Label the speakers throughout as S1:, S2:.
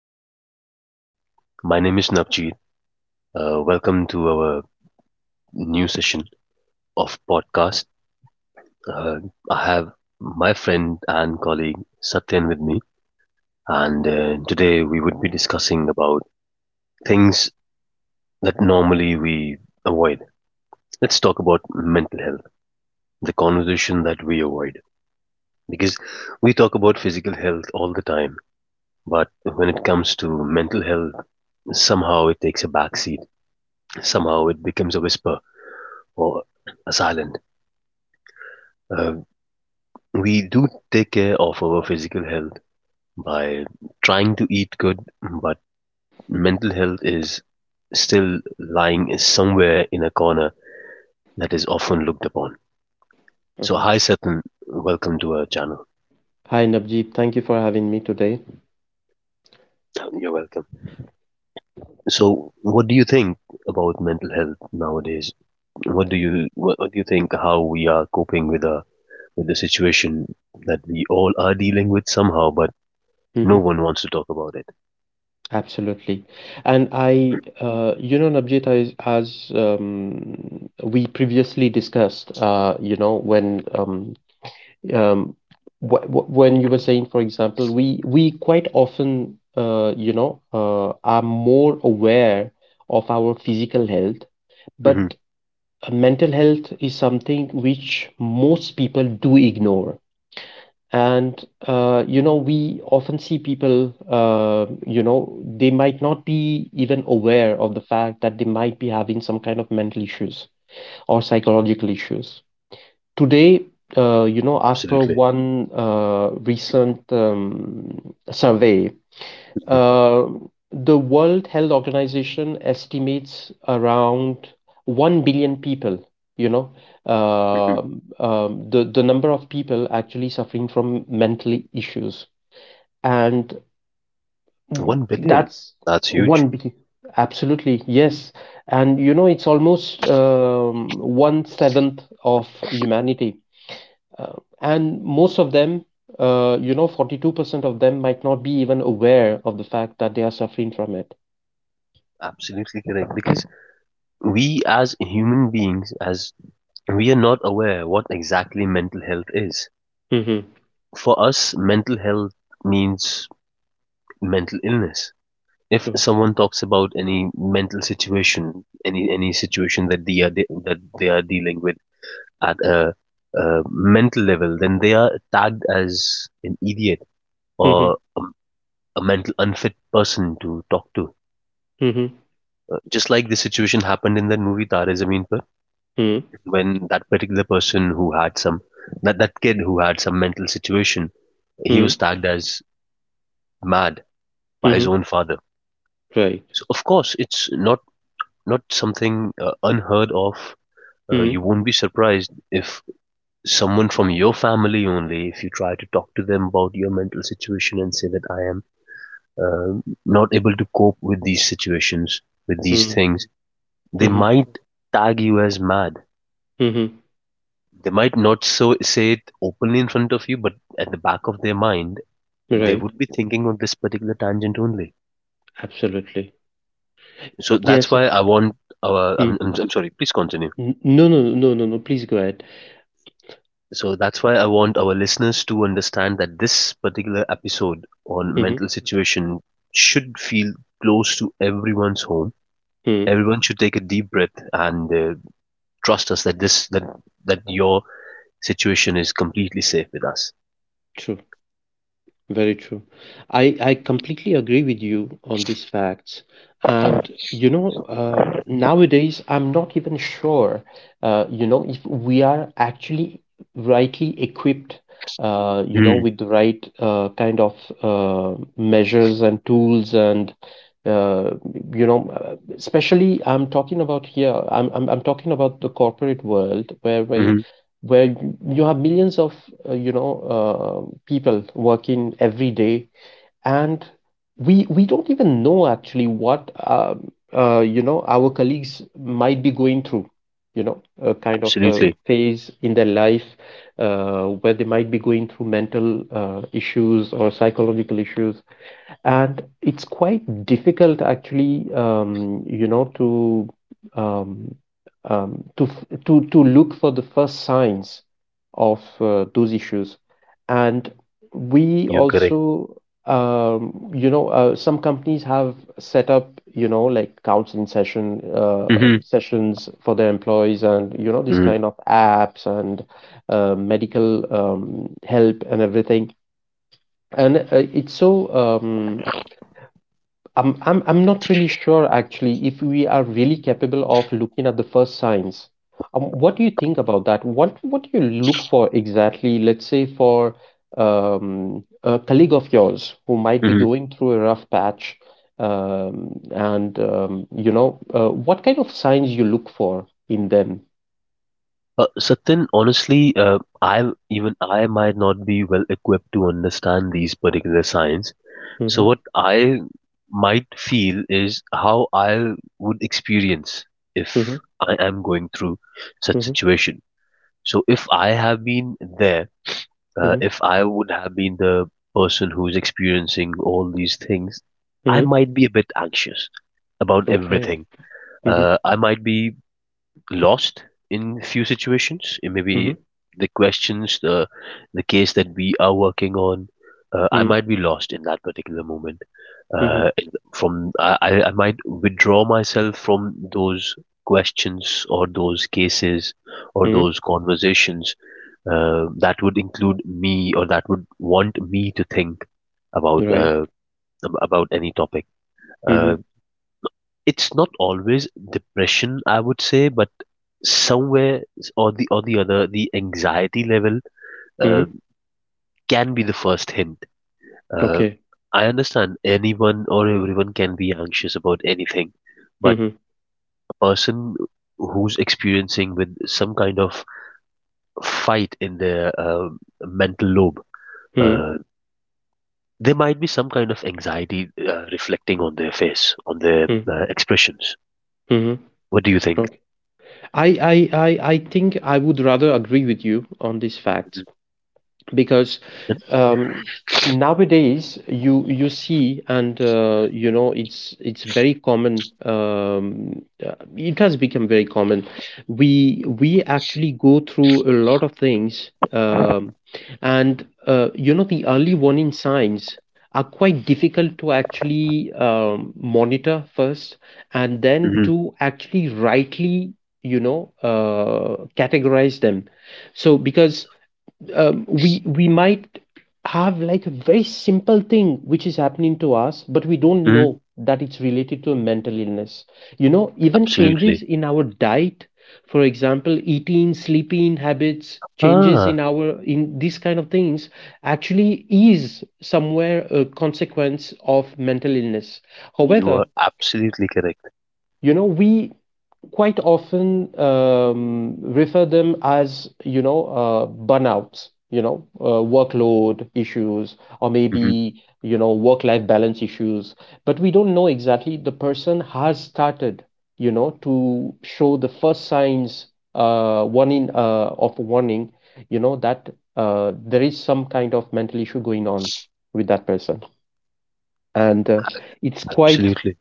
S1: back, everyone. My name is Navjeet. Welcome to our new session of podcast. Uh, I have my friend and colleague Satyan with me, and today we would be discussing about things that normally we avoid. Let's talk about mental health, the conversation that we avoid, because we talk about physical health all the time, but when it comes to mental health, somehow it takes a backseat. Somehow it becomes a whisper or asylum. Uh, we do take care of our physical health by trying to eat good, but mental health is still lying somewhere in a corner that is often looked upon. So,
S2: Mhm.
S1: hi Satan, welcome to our channel.
S2: Hi, Navjeet. Thank you for having me today.
S1: You're welcome. So, what do you think about mental health nowadays? What do you think how we are coping with the situation that we all are dealing with somehow, but no
S2: Hmm.
S1: one wants to talk about it?
S2: Absolutely. And I, Navjeet, as we previously discussed, when um, wh wh when you were saying, for example, we quite often, are more aware of our physical health,
S1: hmm
S2: but mental health is something which most people do ignore. And we often see people, they might not be even aware of the fact that they might be having some kind of mental issues or psychological issues. Today, as per
S1: Absolutely.
S2: one recent survey,
S1: Mhm.
S2: uh, the World Health Organization estimates around 1 billion people, you know,
S1: Mhm.
S2: the number of people actually suffering from mental issues. And
S1: 1 billion.
S2: that's
S1: That's huge.
S2: 1 billion. Absolutely, yes. And, you know, it's almost one seventh of humanity. Uh, and most of them, 42% of them might not be even aware of the fact that they are suffering from it.
S1: Absolutely correct. Because we as human beings, as we are not aware what exactly mental health is.
S2: Mhm.
S1: For us, mental health means mental illness. If
S2: True.
S1: someone talks about any mental situation, any situation that that they are dealing with at a mental level, then they are tagged as an idiot
S2: Mhm.
S1: or a mental unfit person to talk to.
S2: Mhm.
S1: Just like the situation happened in the movie Tare Zameen Par,
S2: Mhm.
S1: when that particular person who had some that that kid who had some mental situation, he was
S2: Mhm.
S1: tagged as mad by his
S2: Mhm.
S1: own father.
S2: Right.
S1: So of course, it's not something unheard of.
S2: Mhm.
S1: You won't be surprised if someone from your family only, if you try to talk to them about your mental situation and say that I am not able to cope with these situations, with these
S2: Mhm.
S1: things, they
S2: Mhm.
S1: might tag you as mad.
S2: Mhm.
S1: They might not so say it openly in front of you, but at the back of their mind, they
S2: Right.
S1: would be thinking on this particular tangent only.
S2: Absolutely.
S1: So that's
S2: Yes.
S1: why I want our. I'm,
S2: Mm.
S1: I'm, I'm sorry. Please continue.
S2: No, no, no, no, no. Please go ahead.
S1: So that's why I want our listeners to understand that this particular episode on
S2: Mhm.
S1: mental situation should feel close to everyone's home.
S2: Mhm.
S1: Everyone should take a deep breath and trust us that this that that your situation is completely safe with us.
S2: True. Very true. I completely agree with you on these facts. And, you know, nowadays, I'm not even sure, if we are actually rightly equipped, with the right kind of measures and tools, and uh, especially I'm talking about here, I'm talking about the corporate world where
S1: Mm-hmm.
S2: you have millions of people working every day, and we don't even know actually what our colleagues might be going through, you know, a kind of a
S1: Absolutely.
S2: phase in their life, where they might be going through mental issues or psychological issues. And it's quite difficult, actually, to um, to look for the first signs of those issues. And we
S1: You're correct.
S2: also, some companies have set up, you know, like counseling
S1: Mm-hmm.
S2: sessions for their employees, and you know, these
S1: Mhm.
S2: kind of apps and medical help and everything. And it's so. I'm not really sure actually if we are really capable of looking at the first signs. What do you think about that? What do you look for exactly? Let's say for a colleague of yours who might be
S1: Mhm.
S2: going through a rough patch, what kind of signs you look for in them?
S1: Satin, honestly, I even I might not be well equipped to understand these particular signs. So
S2: Mm-hmm,
S1: what I might feel is how I would experience
S2: mm-hmm,
S1: if I am going through such
S2: mm-hmm,
S1: situation. So if I have been there,
S2: mm-hmm,
S1: if I would have been the person who's experiencing all these things, I
S2: mm-hmm.
S1: might be a bit anxious about
S2: Okay.
S1: everything.
S2: Mm-hmm,
S1: I might be lost in few situations. It may
S2: mm-hmm,
S1: be the questions, the case that we are working on. I might be lost in that particular moment.
S2: mm-hmm,
S1: In- from I might withdraw myself from those questions or those cases or
S2: mm-hmm.
S1: those conversations. That would include me, or that would want me to think about
S2: Right.
S1: uh, about any topic.
S2: Mm-hmm,
S1: Uh, it's not always depression, I would say, but somewhere or the other, the anxiety level uh,
S2: mm-hmm.
S1: can be the first hint. Uh,
S2: Okay.
S1: I understand anyone or everyone can be anxious about anything, but
S2: Mm-hmm,
S1: a person who's experiencing with some kind of fight in their mental lobe,
S2: mm-hmm.
S1: uh, there might be some kind of anxiety reflecting on their face, on their expressions.
S2: Hmm.
S1: What do you think?
S2: Okay. I, I think I would rather agree with you on these facts because um, nowadays you see and it's very common it has become very common. We actually go through a lot of things, and you know the early warning signs are quite difficult to actually monitor first and then
S1: Hmm.
S2: to actually rightly, you know, categorize them. Because we might have like a very simple thing which is happening to us, but we don't
S1: Hmm.
S2: know that it's related to a mental illness, you know, even changes
S1: Absolutely.
S2: in our diet, for example, eating, sleeping habits, changes in
S1: Ah,
S2: our in these kind of things actually is somewhere a consequence of mental illness.
S1: you
S2: However,
S1: are absolutely correct.
S2: you know, we quite often refer them as, you know, burnouts, you know, workload issues, or
S1: Hmm.
S2: maybe, you know, work life balance issues. But we don't know exactly the person has started, you know, to show the first signs, warning of warning, you know, that there is some kind of mental issue going on with that person. And it's quite
S1: Absolutely.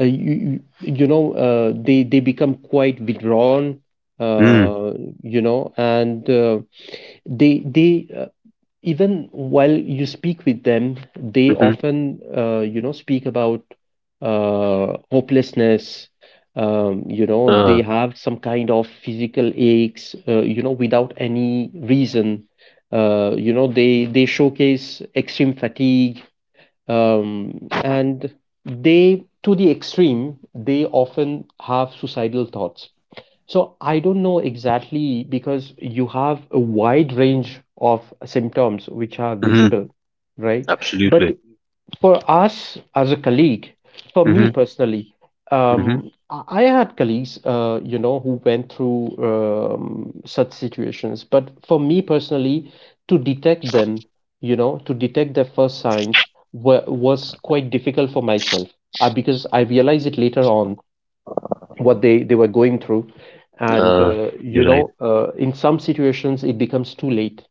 S2: you you you know, they become quite withdrawn,
S1: Mm,
S2: uh, you know, and they even while you speak with them, they
S1: mhm,
S2: often, speak about hopelessness. You know,
S1: uh,
S2: they have some kind of physical aches, you know, without any reason. You know, they showcase extreme fatigue, and they to the extreme, they often have suicidal thoughts. So I don't know exactly, because you have a wide range of symptoms which are
S1: mhm,
S2: visible, right? But
S1: absolutely.
S2: for us as a colleague, for me
S1: Mhm,
S2: personally,
S1: mhm,
S2: I had colleagues, who went through such situations. But for me personally, to detect them, you know, to detect their first signs wa was quite difficult for myself, because I realized it later on what they were going through. And
S1: uh, you're right.
S2: in some situations it becomes too late.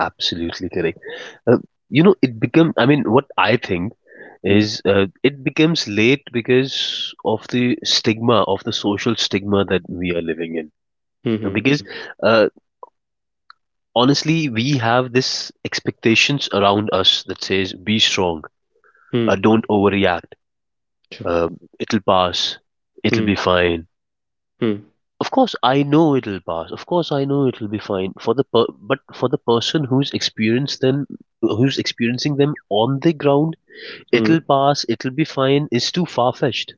S1: Absolutely correct. Uh, it become. I mean, what I think
S2: Mm,
S1: is it becomes late because of the stigma of the social stigma that we are living in. Now,
S2: mhm,
S1: because uh, honestly, we have this expectations around us that says, "Be strong.
S2: mm,
S1: Don't overreact.
S2: true.
S1: It'll pass. It'll be
S2: Mm,
S1: fine."
S2: mm,
S1: Of course, I know it'll pass. Of course, I know it'll be fine but for the person who's experienced them, who's experiencing them on the ground,
S2: mm,
S1: it'll pass. It'll be fine. It's too far fetched,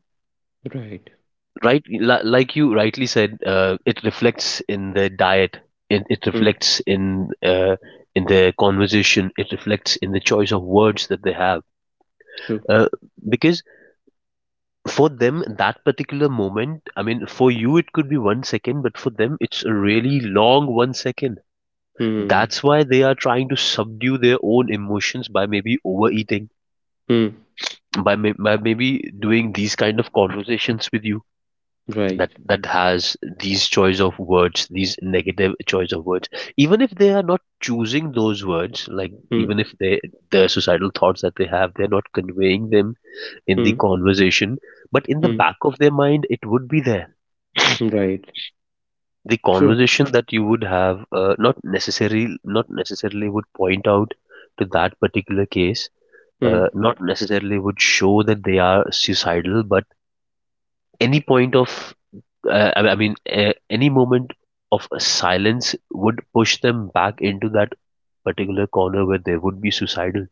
S2: right.
S1: right? Like you rightly said, it reflects in their diet. It
S2: Mm,
S1: reflects in their conversation. It reflects in the choice of words that they have.
S2: true.
S1: Uh, because for them that particular moment, I mean, for you it could be one second, but for them it's a really long one second.
S2: Mm,
S1: That's why they are trying to subdue their own emotions by maybe overeating,
S2: mm,
S1: by, may- by maybe doing these kind of conversations with you
S2: right.
S1: that has these choice of words, these negative choice of words. Even if they are not choosing those words, like
S2: Mm,
S1: even if they the societal thoughts that they have, they're not conveying them in the
S2: mm,
S1: conversation, but in the
S2: mm,
S1: back of their mind, it would be there.
S2: right.
S1: The
S2: True.
S1: conversation that you would have, not necessarily would point out to that particular case,
S2: Mm,
S1: not necessarily would show that they are suicidal, but any point of, I mean, any moment of silence would push them back into that particular corner where they would be suicidal.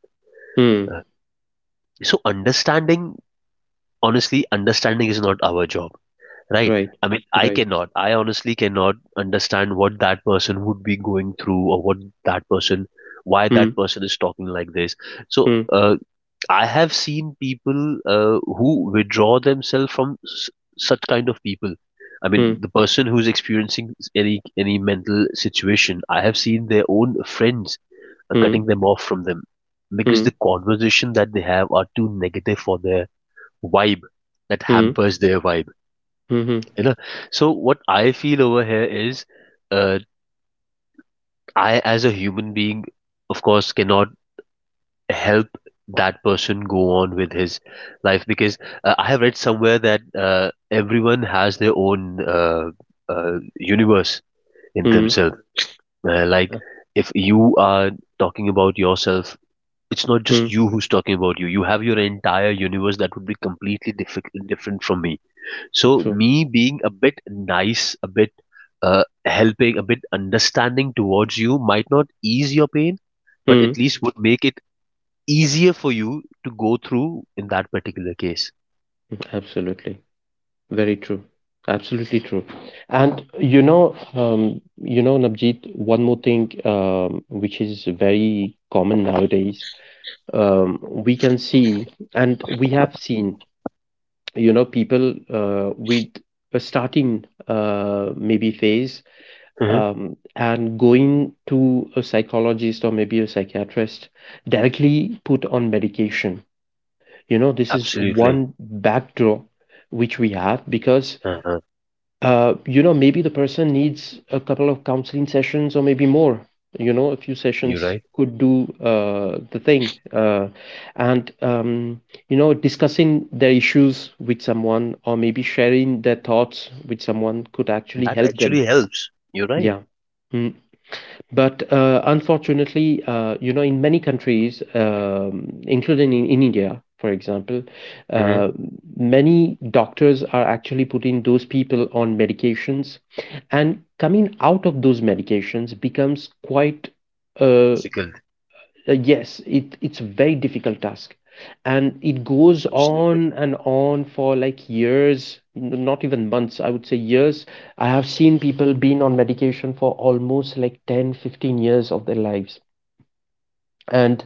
S2: mm,
S1: Uh, so, understanding, honestly, understanding is not our job, right?
S2: right.
S1: I mean, I
S2: Right.
S1: cannot, I honestly cannot understand what that person would be going through or what that person, why that
S2: Mm,
S1: person is talking like this. So,
S2: mm,
S1: I have seen people who withdraw themselves from such kind of people. I
S2: mm,
S1: mean, the person who's experiencing any mental situation, I have seen their own friends
S2: mm,
S1: cutting them off from them because the
S2: mm,
S1: conversation that they have are too negative for their vibe. That
S2: mm,
S1: hampers their vibe,
S2: mhm,
S1: you know. So what I feel over here is, uh, I as a human being, of course, cannot help that person go on with his life because I have read somewhere that everyone has their own universe in
S2: mm,
S1: themselves.
S2: uh,
S1: Like if you are talking about yourself, it's not just
S2: mm,
S1: you who's talking about you. You have your entire universe that would be completely different from me. So
S2: true.
S1: me being a bit nice, a bit helping, a bit understanding towards you might not ease your pain, but
S2: Mm,
S1: at least would make it easier for you to go through in that particular case.
S2: absolutely. Very true. Absolutely true. And you know, Navjeet, one more thing which is very common nowadays, we can see and we have seen, you know, people with a starting maybe phase,
S1: Mm-hmm.
S2: and going to a psychologist or maybe a psychiatrist, directly put on medication. You know, this is
S1: Absolutely.
S2: one backdoor which we have, because
S1: Uh-huh.
S2: you know, maybe the person needs a couple of counseling sessions or maybe more. You know, a few
S1: You're
S2: sessions
S1: right.
S2: could do the thing. And, you know, discussing their issues with someone, or maybe sharing their thoughts with someone, could actually
S1: That
S2: help them.
S1: actually helps. You're right.
S2: Yeah. Mm. But unfortunately, you know, in many countries, including in India, for example,
S1: Mm-hmm.
S2: uh, many doctors are actually putting those people on medications, and coming out of those medications becomes quite uh,
S1: Difficult.
S2: yes, it's a very difficult task, and it goes
S1: Absolutely.
S2: on and on for like years, not even months, I would say years. I have seen people been on medication for almost like 10, 15 years of their lives. And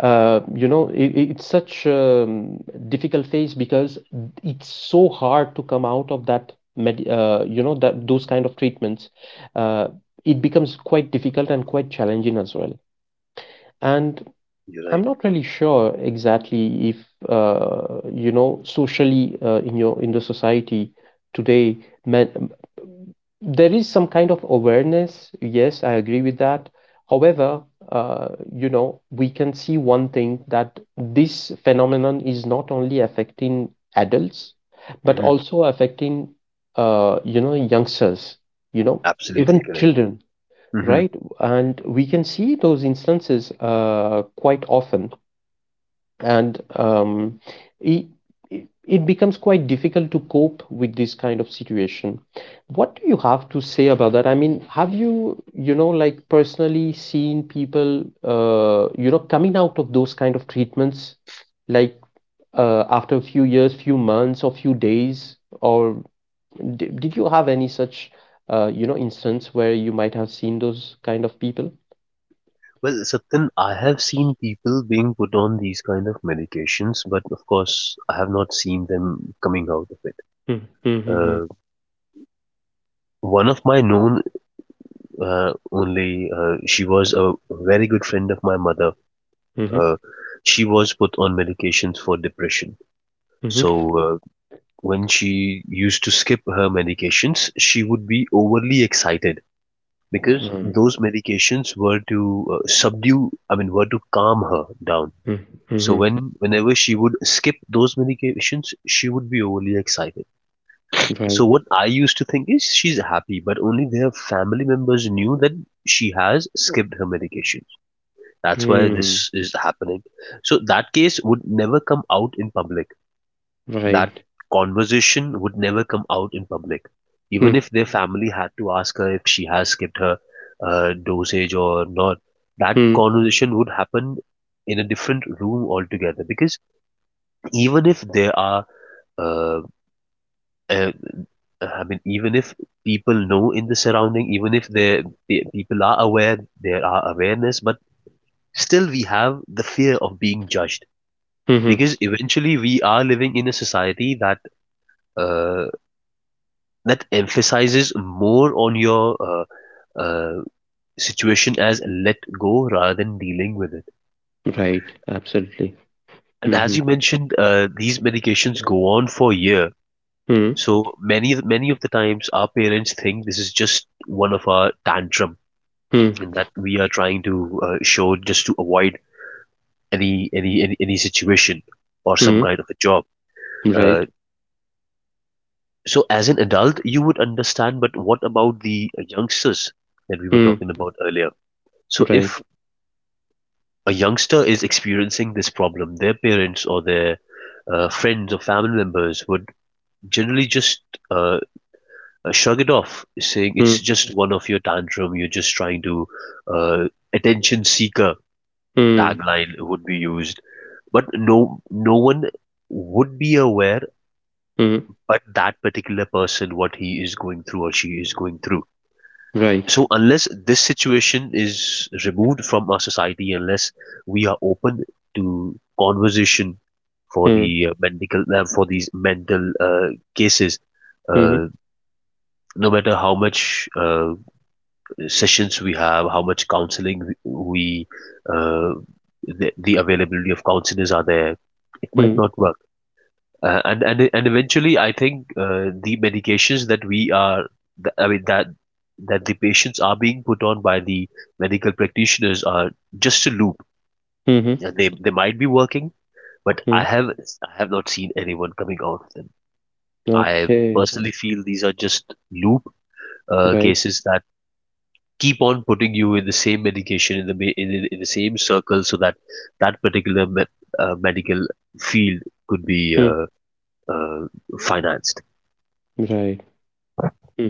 S2: it's such difficult phase because it's so hard to come out of that med you know, that those kind of treatments. Uh, it becomes quite difficult and quite challenging as well. And
S1: You're
S2: I'm
S1: right.
S2: not really sure exactly if socially in the society today men, there is some kind of awareness. Yes, I agree with that. However, you know, we can see one thing that this phenomenon is not only affecting adults, but
S1: Mm-hmm.
S2: also affecting youngsters, you know,
S1: Absolutely
S2: even
S1: correct.
S2: children,
S1: Mm-hmm.
S2: right? And we can see those instances quite often, and it, it it becomes quite difficult to cope with this kind of situation. What do you have to say about that? I mean, have you, you know, like, personally seen people, you know, coming out of those kind of treatments, like after a few years, few months, or few days, or d did you have any such, you know, instance where you might have seen those kind of people?
S1: Well, Satyan, I have seen people being put on these kind of medications, but of course, I have not seen them coming out of it.
S2: Mm-hmm, mm-hmm,
S1: Uh, One of my known only, she was a very good friend of my mother.
S2: mm-hmm,
S1: Uh, she was put on medications for depression. So when she used to skip her medications, she would be overly excited because
S2: mm-hmm,
S1: those medications were to subdue, I mean, were to calm her down. So
S2: mm-hmm,
S1: whenever she would skip those medications, she would be overly excited. So
S2: right.
S1: what I used to think is she's happy, but only their family members knew that she has skipped her medication. That's why
S2: Hmm,
S1: this is happening. So that case would never come out in public. That
S2: right.
S1: conversation would never come out in public,
S2: Hmm,
S1: even if their family had to ask her if she has skipped her dosage or not. That
S2: hmm,
S1: conversation would happen in a different room altogether because even if uh, uh, I mean, even if people know in the surrounding, even if there people are aware, there are awareness, but still we have the fear of being judged
S2: mhm,
S1: because eventually we are living in a society uh, that emphasizes more on your uh, situation as let go rather than dealing with it.
S2: right, absolutely.
S1: And as
S2: Mhm,
S1: you mentioned, these medications go on for a year.
S2: hmm,
S1: So many, many of the times, our parents think this is just one of our tantrum,
S2: hmm,
S1: and that we are trying to show just to avoid any situation or some
S2: hmm,
S1: kind of a job.
S2: hmm. Right.
S1: Uh, so as an adult, you would understand, but what about the youngsters that we were
S2: Hmm,
S1: talking about earlier? So
S2: right.
S1: if a youngster is experiencing this problem, their parents or their friends or family members would generally just uh, shrug it off, saying
S2: Hmm,
S1: it's just one of your tantrum, you're just trying to uh, attention seeker
S2: hmm,
S1: tagline would be used. But no, no one would be aware
S2: hmm,
S1: but that particular person what he is going through or she is going through.
S2: right.
S1: So unless this situation is removed from our society, unless we are open to conversation for
S2: Hmm,
S1: the medical for these mental cases,
S2: mhm,
S1: uh, no matter how much sessions we have, how much counseling we uh, the availability of counselors are there, it might
S2: hmm,
S1: not work. And eventually I think the medications that we are th- i mean that that the patients are being put on by the medical practitioners are just a loop,
S2: mhm,
S1: and they might be working, but i
S2: hmm.
S1: have i have not seen anyone coming out of them. I
S2: Okay,
S1: personally feel these are just loop
S2: right.
S1: cases that keep on putting you in the same medication in in the same circle so that that particular medical field could be
S2: Hmm,
S1: uh, financed.
S2: right. Hmm.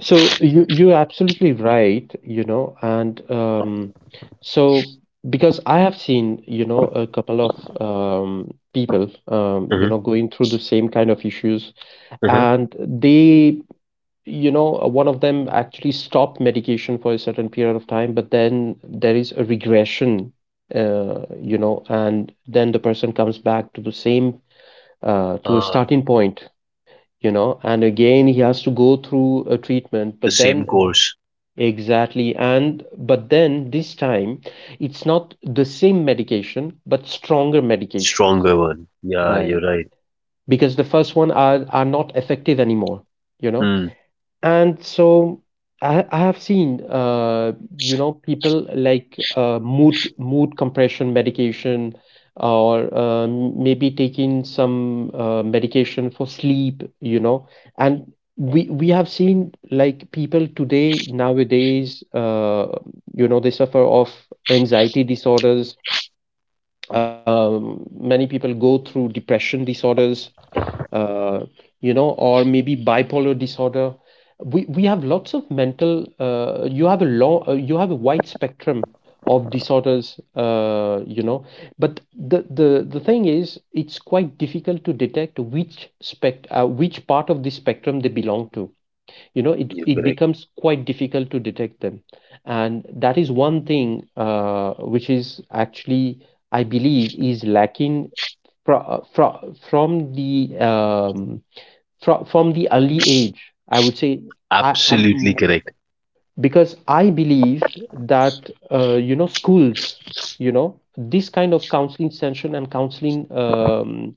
S2: So you're absolutely right, you know, and so because I have seen, you know, a couple of people, you
S1: Hmm.
S2: know, going through the same kind of issues.
S1: Hmm.
S2: And they you know, one of them actually stopped medication for a certain period of time, but then there is a regression, you know, and then the person comes back to the same, to a
S1: Uh,
S2: starting point, you know, and again he has to go through a treatment.
S1: the
S2: But
S1: same
S2: then
S1: course,
S2: exactly, and but then this time it's not the same medication, but stronger medications,
S1: stronger one. Yeah, you're
S2: right,
S1: right.
S2: because the first one are not effective anymore, you know.
S1: Mm,
S2: And so I have seen, you know, people like mood compression medication, or maybe taking some medication for sleep, you know. And we have seen like people today nowadays, they suffer of anxiety disorders. Many people go through depression disorders, uh, or maybe bipolar disorder. We have lots of mental you have a long you have a wide spectrum of disorders, but the thing is it's quite difficult to detect which spect which part of the spectrum they belong to. It,
S1: you're
S2: it
S1: correct.
S2: becomes quite difficult to detect them. And that is one thing which is actually, I believe, is lacking from from the early age, I would say. I
S1: Absolutely
S2: am
S1: correct.
S2: Because I believe that schools, this kind of counseling session and counseling um,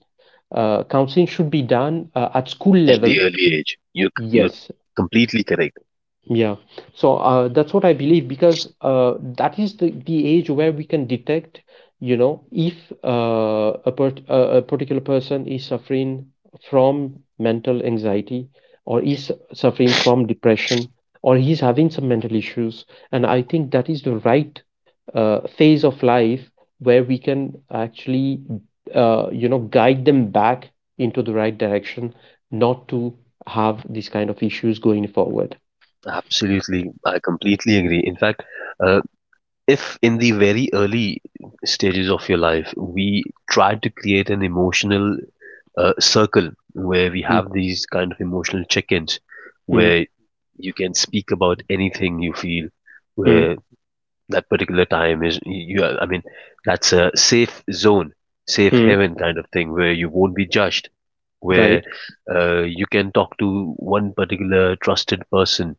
S2: uh, counseling should be done at school
S1: At the
S2: levels.
S1: early age, you you're
S2: Yes.
S1: completely correct.
S2: Yeah. So that's what I believe because that is the age where we can detect, you know, if a particular person is suffering from mental anxiety or is suffering from depression or he's having some mental issues. And I think that is the right phase of life where we can actually, guide them back into the right direction, not to have these kind of issues going forward.
S1: Absolutely, I completely agree. In fact, uh, if in the very early stages of your life, we try to create an emotional circle where we
S2: Mm,
S1: have these kind of emotional check-ins,
S2: mm,
S1: where you can speak about anything you feel,
S2: mm,
S1: where that particular time is you are- I mean that's a safe zone, safe
S2: mm,
S1: heaven kind of thing where you won't be judged, where
S2: right.
S1: you can talk to one particular trusted person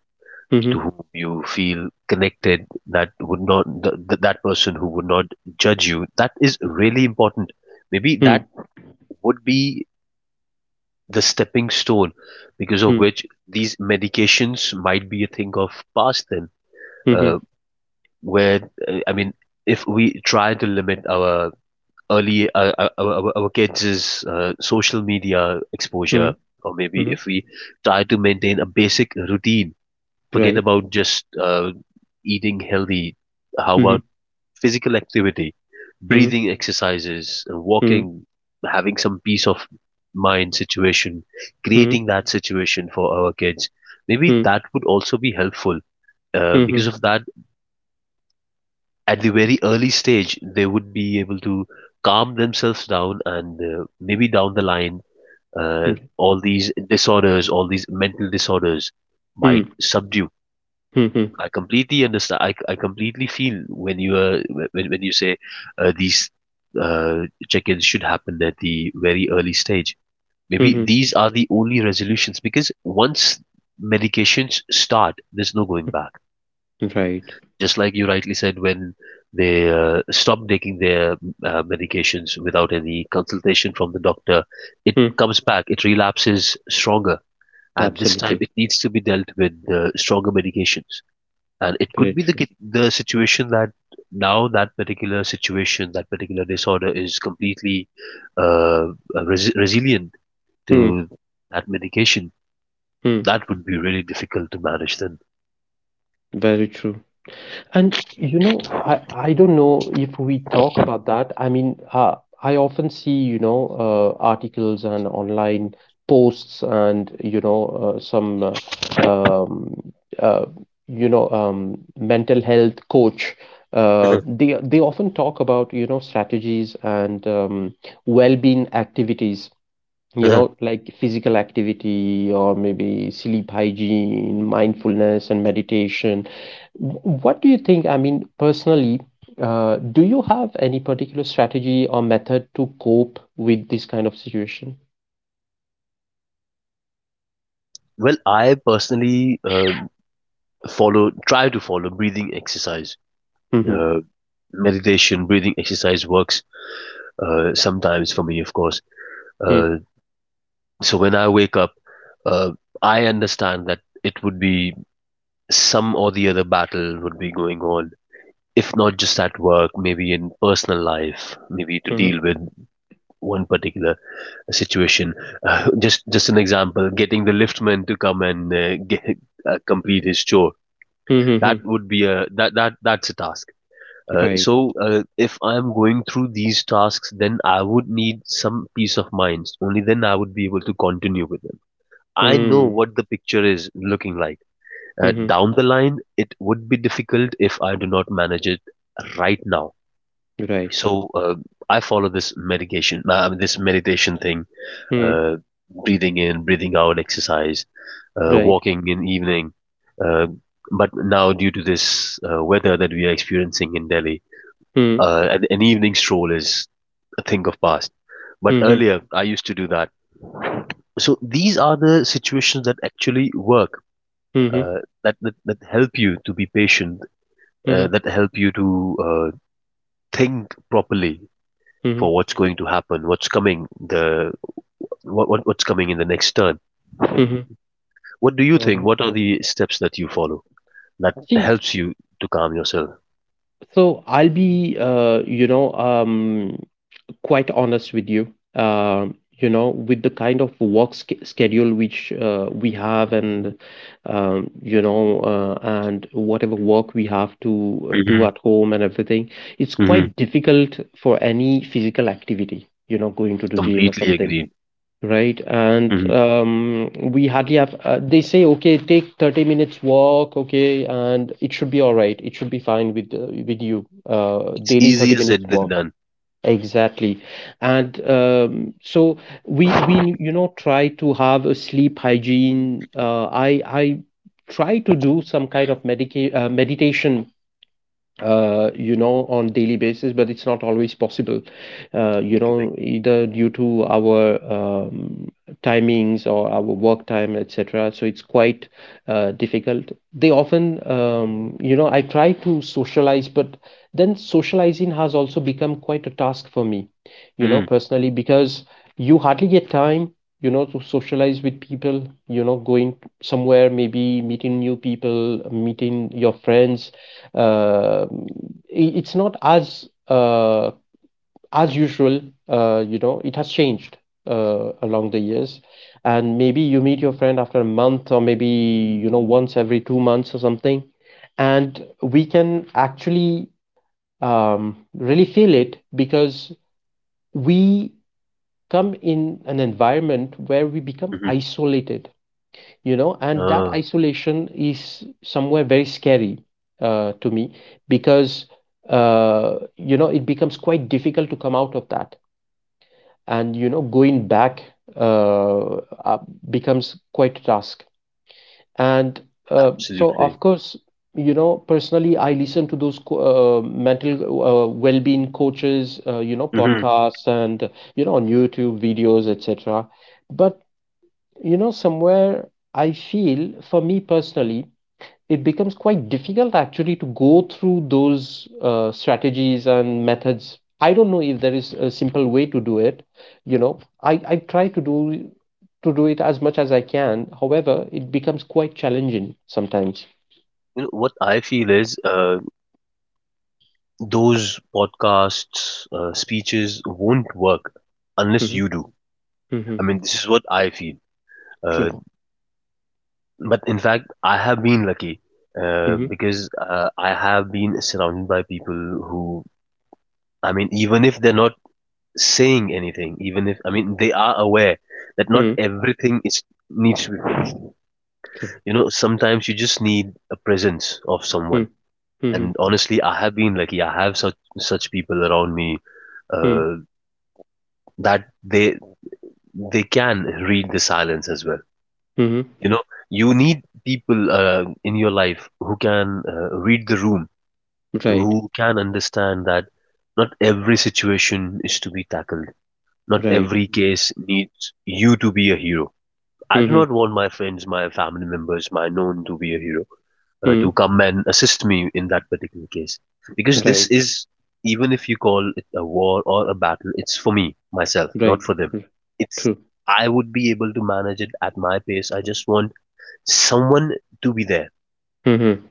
S1: to
S2: Mhm,
S1: whom you feel connected, that would not th- that person who would not judge you. That is really important. Maybe
S2: mm,
S1: that would be the stepping stone, because of
S2: mm,
S1: which these medications might be a thing of past then.
S2: mhm,
S1: uh, where, uh, i mean if we try to limit our early our kids' social media
S2: mm,
S1: exposure, or maybe
S2: mhm,
S1: if we try to maintain a basic routine. Forget
S2: right.
S1: about just eating healthy. How
S2: Mhm,
S1: about physical activity,
S2: mhm,
S1: breathing exercises,
S2: mm,
S1: walking, having some peace of mind situation,
S2: mhm,
S1: creating that situation for our kids? Maybe
S2: mm,
S1: that would also be helpful. Because
S2: mhm,
S1: of that, at the very early stage, they would be able to calm themselves down, and maybe down the line,
S2: mm,
S1: all these disorders, all these mental disorders might subdue.
S2: mm,
S1: I completely understand. I completely feel when you are when you say these uh, check-ins should happen at the very early stage. Maybe
S2: mhm,
S1: these are the only resolutions, because once medications start, there's no going back.
S2: mhm, right.
S1: Just like you rightly said, when they stop taking their medications without any consultation from the doctor, it
S2: Mm,
S1: comes back. It relapses stronger, and this time
S2: absolutely.
S1: it needs to be dealt with stronger medications. And it could
S2: Very
S1: be the
S2: true.
S1: the situation that now that particular situation, that particular disorder is completely uh, resilient
S2: Mm,
S1: to that medication.
S2: mm,
S1: That would be really difficult to manage then.
S2: very true. And you know, I don't know if we talk about that. I mean, I often see, you know, articles and online posts and, you know, uh, um, uh, mental health coach.
S1: Mhm,
S2: They often talk about, you know, strategies and well-being activities, you
S1: mhm.
S2: know, like physical activity or maybe sleep hygiene, mindfulness and meditation. What do you think? I mean, personally, do you have any particular strategy or method to cope with this kind of situation?
S1: Well, I personally follow try to follow breathing exercise,
S2: Mm-hmm.
S1: uh, meditation. Breathing exercise works sometimes for me, of course. uh, so when I wake up, uh, I understand that it would be some or the other battle would be going on. If not just at work, maybe in personal life, maybe to
S2: Mm-hmm.
S1: deal with one particular situation. Just an example, getting the liftman to come and complete his chore.
S2: Mm-hmm.
S1: That would be a that's a task.
S2: Right.
S1: So if I'm going through these tasks, then I would need some peace of mind. Only then I would be able to continue with them. I know
S2: Mm.
S1: what the picture is looking like.
S2: Mm-hmm.
S1: Down the line, it would be difficult if I do not manage it right now.
S2: Right.
S1: So I follow this medication this meditation thing,
S2: Mm.
S1: uh, breathing in breathing out exercise,
S2: Right.
S1: walking in evening. uh, but now, due to this weather that we are experiencing in Delhi,
S2: Mm.
S1: an evening stroll is a thing of past, but
S2: Mm-hmm.
S1: earlier I used to do that. So these are the situations that actually work,
S2: Mm-hmm.
S1: uh, that that help you to be patient,
S2: Mm-hmm.
S1: that help you to think properly
S2: Mm-hmm.
S1: for what's going to happen, what's coming the what what's coming in the next turn.
S2: Mm-hmm.
S1: What do you
S2: All
S1: think?
S2: right.
S1: What are the steps that you follow that
S2: See,
S1: helps you to calm yourself?
S2: so I'll be, quite honest with you. You know, With the kind of schedule which we have, and and whatever work we have to do
S1: Mm-hmm.
S2: at home and everything, it's
S1: Mm-hmm.
S2: quite difficult for any physical activity. You know, going to the gym or
S1: Completely
S2: something,
S1: agreed.
S2: right? And
S1: Mm-hmm.
S2: we hardly have. They say, okay, take 30 minutes walk, okay, and it should be all right. It should be fine with you.
S1: It's
S2: Daily thirty
S1: easier
S2: minutes
S1: said than
S2: walk.
S1: done.
S2: Exactly. And so we try to have a sleep hygiene. I try to do some kind of medica meditation on daily basis, but it's not always possible,
S1: You're correct.
S2: either due to our timings or our work time, etc. So it's quite difficult. They often, I try to socialize, but then socializing has also become quite a task for me, you know,
S1: Mm-hmm.
S2: personally, because you hardly get time, you know, to socialize with people, you know, going somewhere, maybe meeting new people, meeting your friends. Uh, it's not as as usual. It has changed along the years. And maybe you meet your friend after a month or maybe, you know, once every 2 months or something. And we can actually really feel it because we come in an environment where we become isolated, you know, and that
S1: Uh,
S2: isolation is somewhere very scary, to me, because, it becomes quite difficult to come out of that. And, you know, going back uh, uh, becomes quite a task. And so,
S1: absolutely.
S2: of course, you know, personally, I listen to those mental well-being coaches, you know,
S1: Mm-hmm.
S2: podcasts and, you know, on YouTube videos, etc. But, you know, somewhere I feel, for me personally, it becomes quite difficult actually to go through those strategies and methods. I don't know if there is a simple way to do it. You know, I try to do it as much as I can. However, it becomes quite challenging sometimes.
S1: You know, what I feel is, those podcasts, speeches won't work unless
S2: Mm-hmm.
S1: you do.
S2: Mm-hmm.
S1: I mean, this is what I feel. Uh,
S2: True.
S1: but in fact, I have been lucky,
S2: Mm-hmm.
S1: because I have been surrounded by people who, I mean, even if they're not saying anything, even if, I mean, they are aware that not
S2: Mm-hmm.
S1: everything is needs to be fixed.
S2: True.
S1: You know, sometimes you just need a presence of someone.
S2: Mm-hmm. Mm-hmm.
S1: And honestly, I have been lucky. I have such people around me, uh, that they can read the silence as well.
S2: Mm-hmm.
S1: You know, you need people in your life who can read the room,
S2: Right.
S1: who can understand that not every situation is to be tackled. Not
S2: Right.
S1: every case needs you to be a hero. I do
S2: Mm-hmm.
S1: not want my friends, my family members, my known to be a hero, to
S2: Mm-hmm.
S1: come and assist me in that particular case. Because this
S2: Right.
S1: is, even if you call it a war or a battle, it's for me, myself, not
S2: Right.
S1: for them.
S2: R-
S1: It's,
S2: True.
S1: I would be able to manage it at my pace. I just want someone to be there,
S2: Mm-hmm.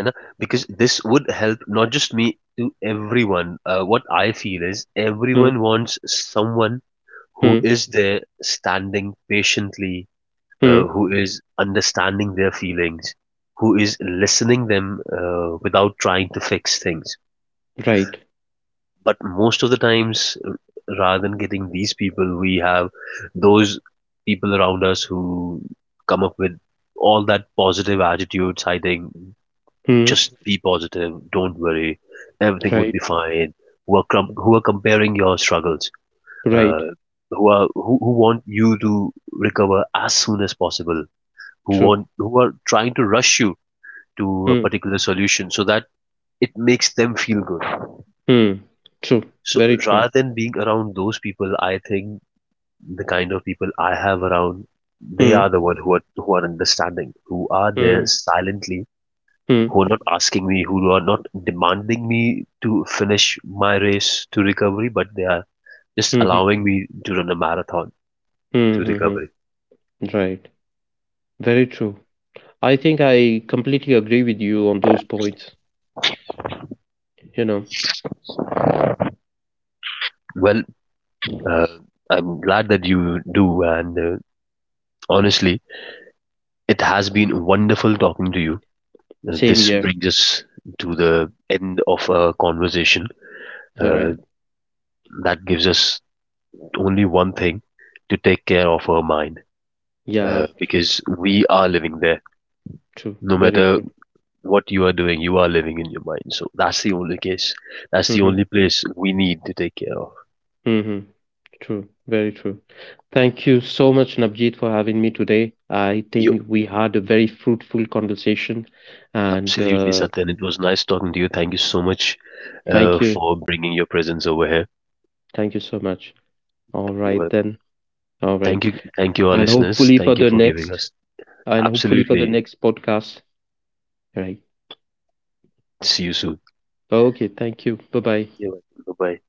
S1: है ना, because this would help not just me, to everyone. What I feel is, everyone wants someone who
S2: Mm-hmm.
S1: is there standing patiently,
S2: Mm-hmm.
S1: who is understanding their feelings, who is listening them, without trying to fix things.
S2: Right.
S1: But most of the times, uh, rather than getting these people, we have those people around us who come up with all that positive attitude, citing
S2: Mm-hmm.
S1: just be positive. Don't worry. Everything would
S2: Right.
S1: be fine. Who are comparing your struggles?
S2: Right.
S1: Uh, who want you to recover as soon as possible? Who
S2: True.
S1: want who are trying to rush you to a
S2: Hmm,
S1: particular solution, so that it makes them feel good.
S2: hmm. True,
S1: So
S2: very true.
S1: rather than being around those people, I think the kind of people I have around, they
S2: Hmm,
S1: are the one who are understanding, who are
S2: hmm,
S1: there silently,
S2: hmm,
S1: who are not asking me, who are not demanding me to finish my race to recovery, but they are just
S2: hmm, hmm,
S1: allowing me to run a marathon
S2: hmm,
S1: to
S2: hmm,
S1: recovery.
S2: hmm. Right, very true. I think I completely agree with you on those points. You know,
S1: Well, uh, I'm glad that you do, and honestly, it has been wonderful talking to you.
S2: same
S1: This
S2: year.
S1: brings us to the end of a conversation,
S2: All
S1: uh,
S2: right.
S1: that gives us only one thing, to take care of our mind,
S2: Yeah, true,
S1: because we are living there.
S2: true,
S1: No
S2: very
S1: matter
S2: true.
S1: what you are doing, you are living in your mind. So that's the only case. That's the
S2: Hmm,
S1: only place we need to take care of.
S2: hmm. Hmm. True, very true. Thank you so much, Nabjeet, for having me today. I
S1: You
S2: think we had a very fruitful conversation, and
S1: absolutely, Satyan. It was nice talking to you. Thank you so much
S2: thank you,
S1: for bringing your presence over here.
S2: thank you so much. All
S1: You're
S2: right
S1: welcome.
S2: then. All right.
S1: Thank you, our
S2: And
S1: listeners.
S2: hopefully for
S1: Thank
S2: the
S1: you for giving
S2: next
S1: us.
S2: and hopefully for the
S1: Absolutely.
S2: next podcast. All right.
S1: See you soon.
S2: Okay. Thank you. Bye bye.
S1: You're welcome. Bye bye.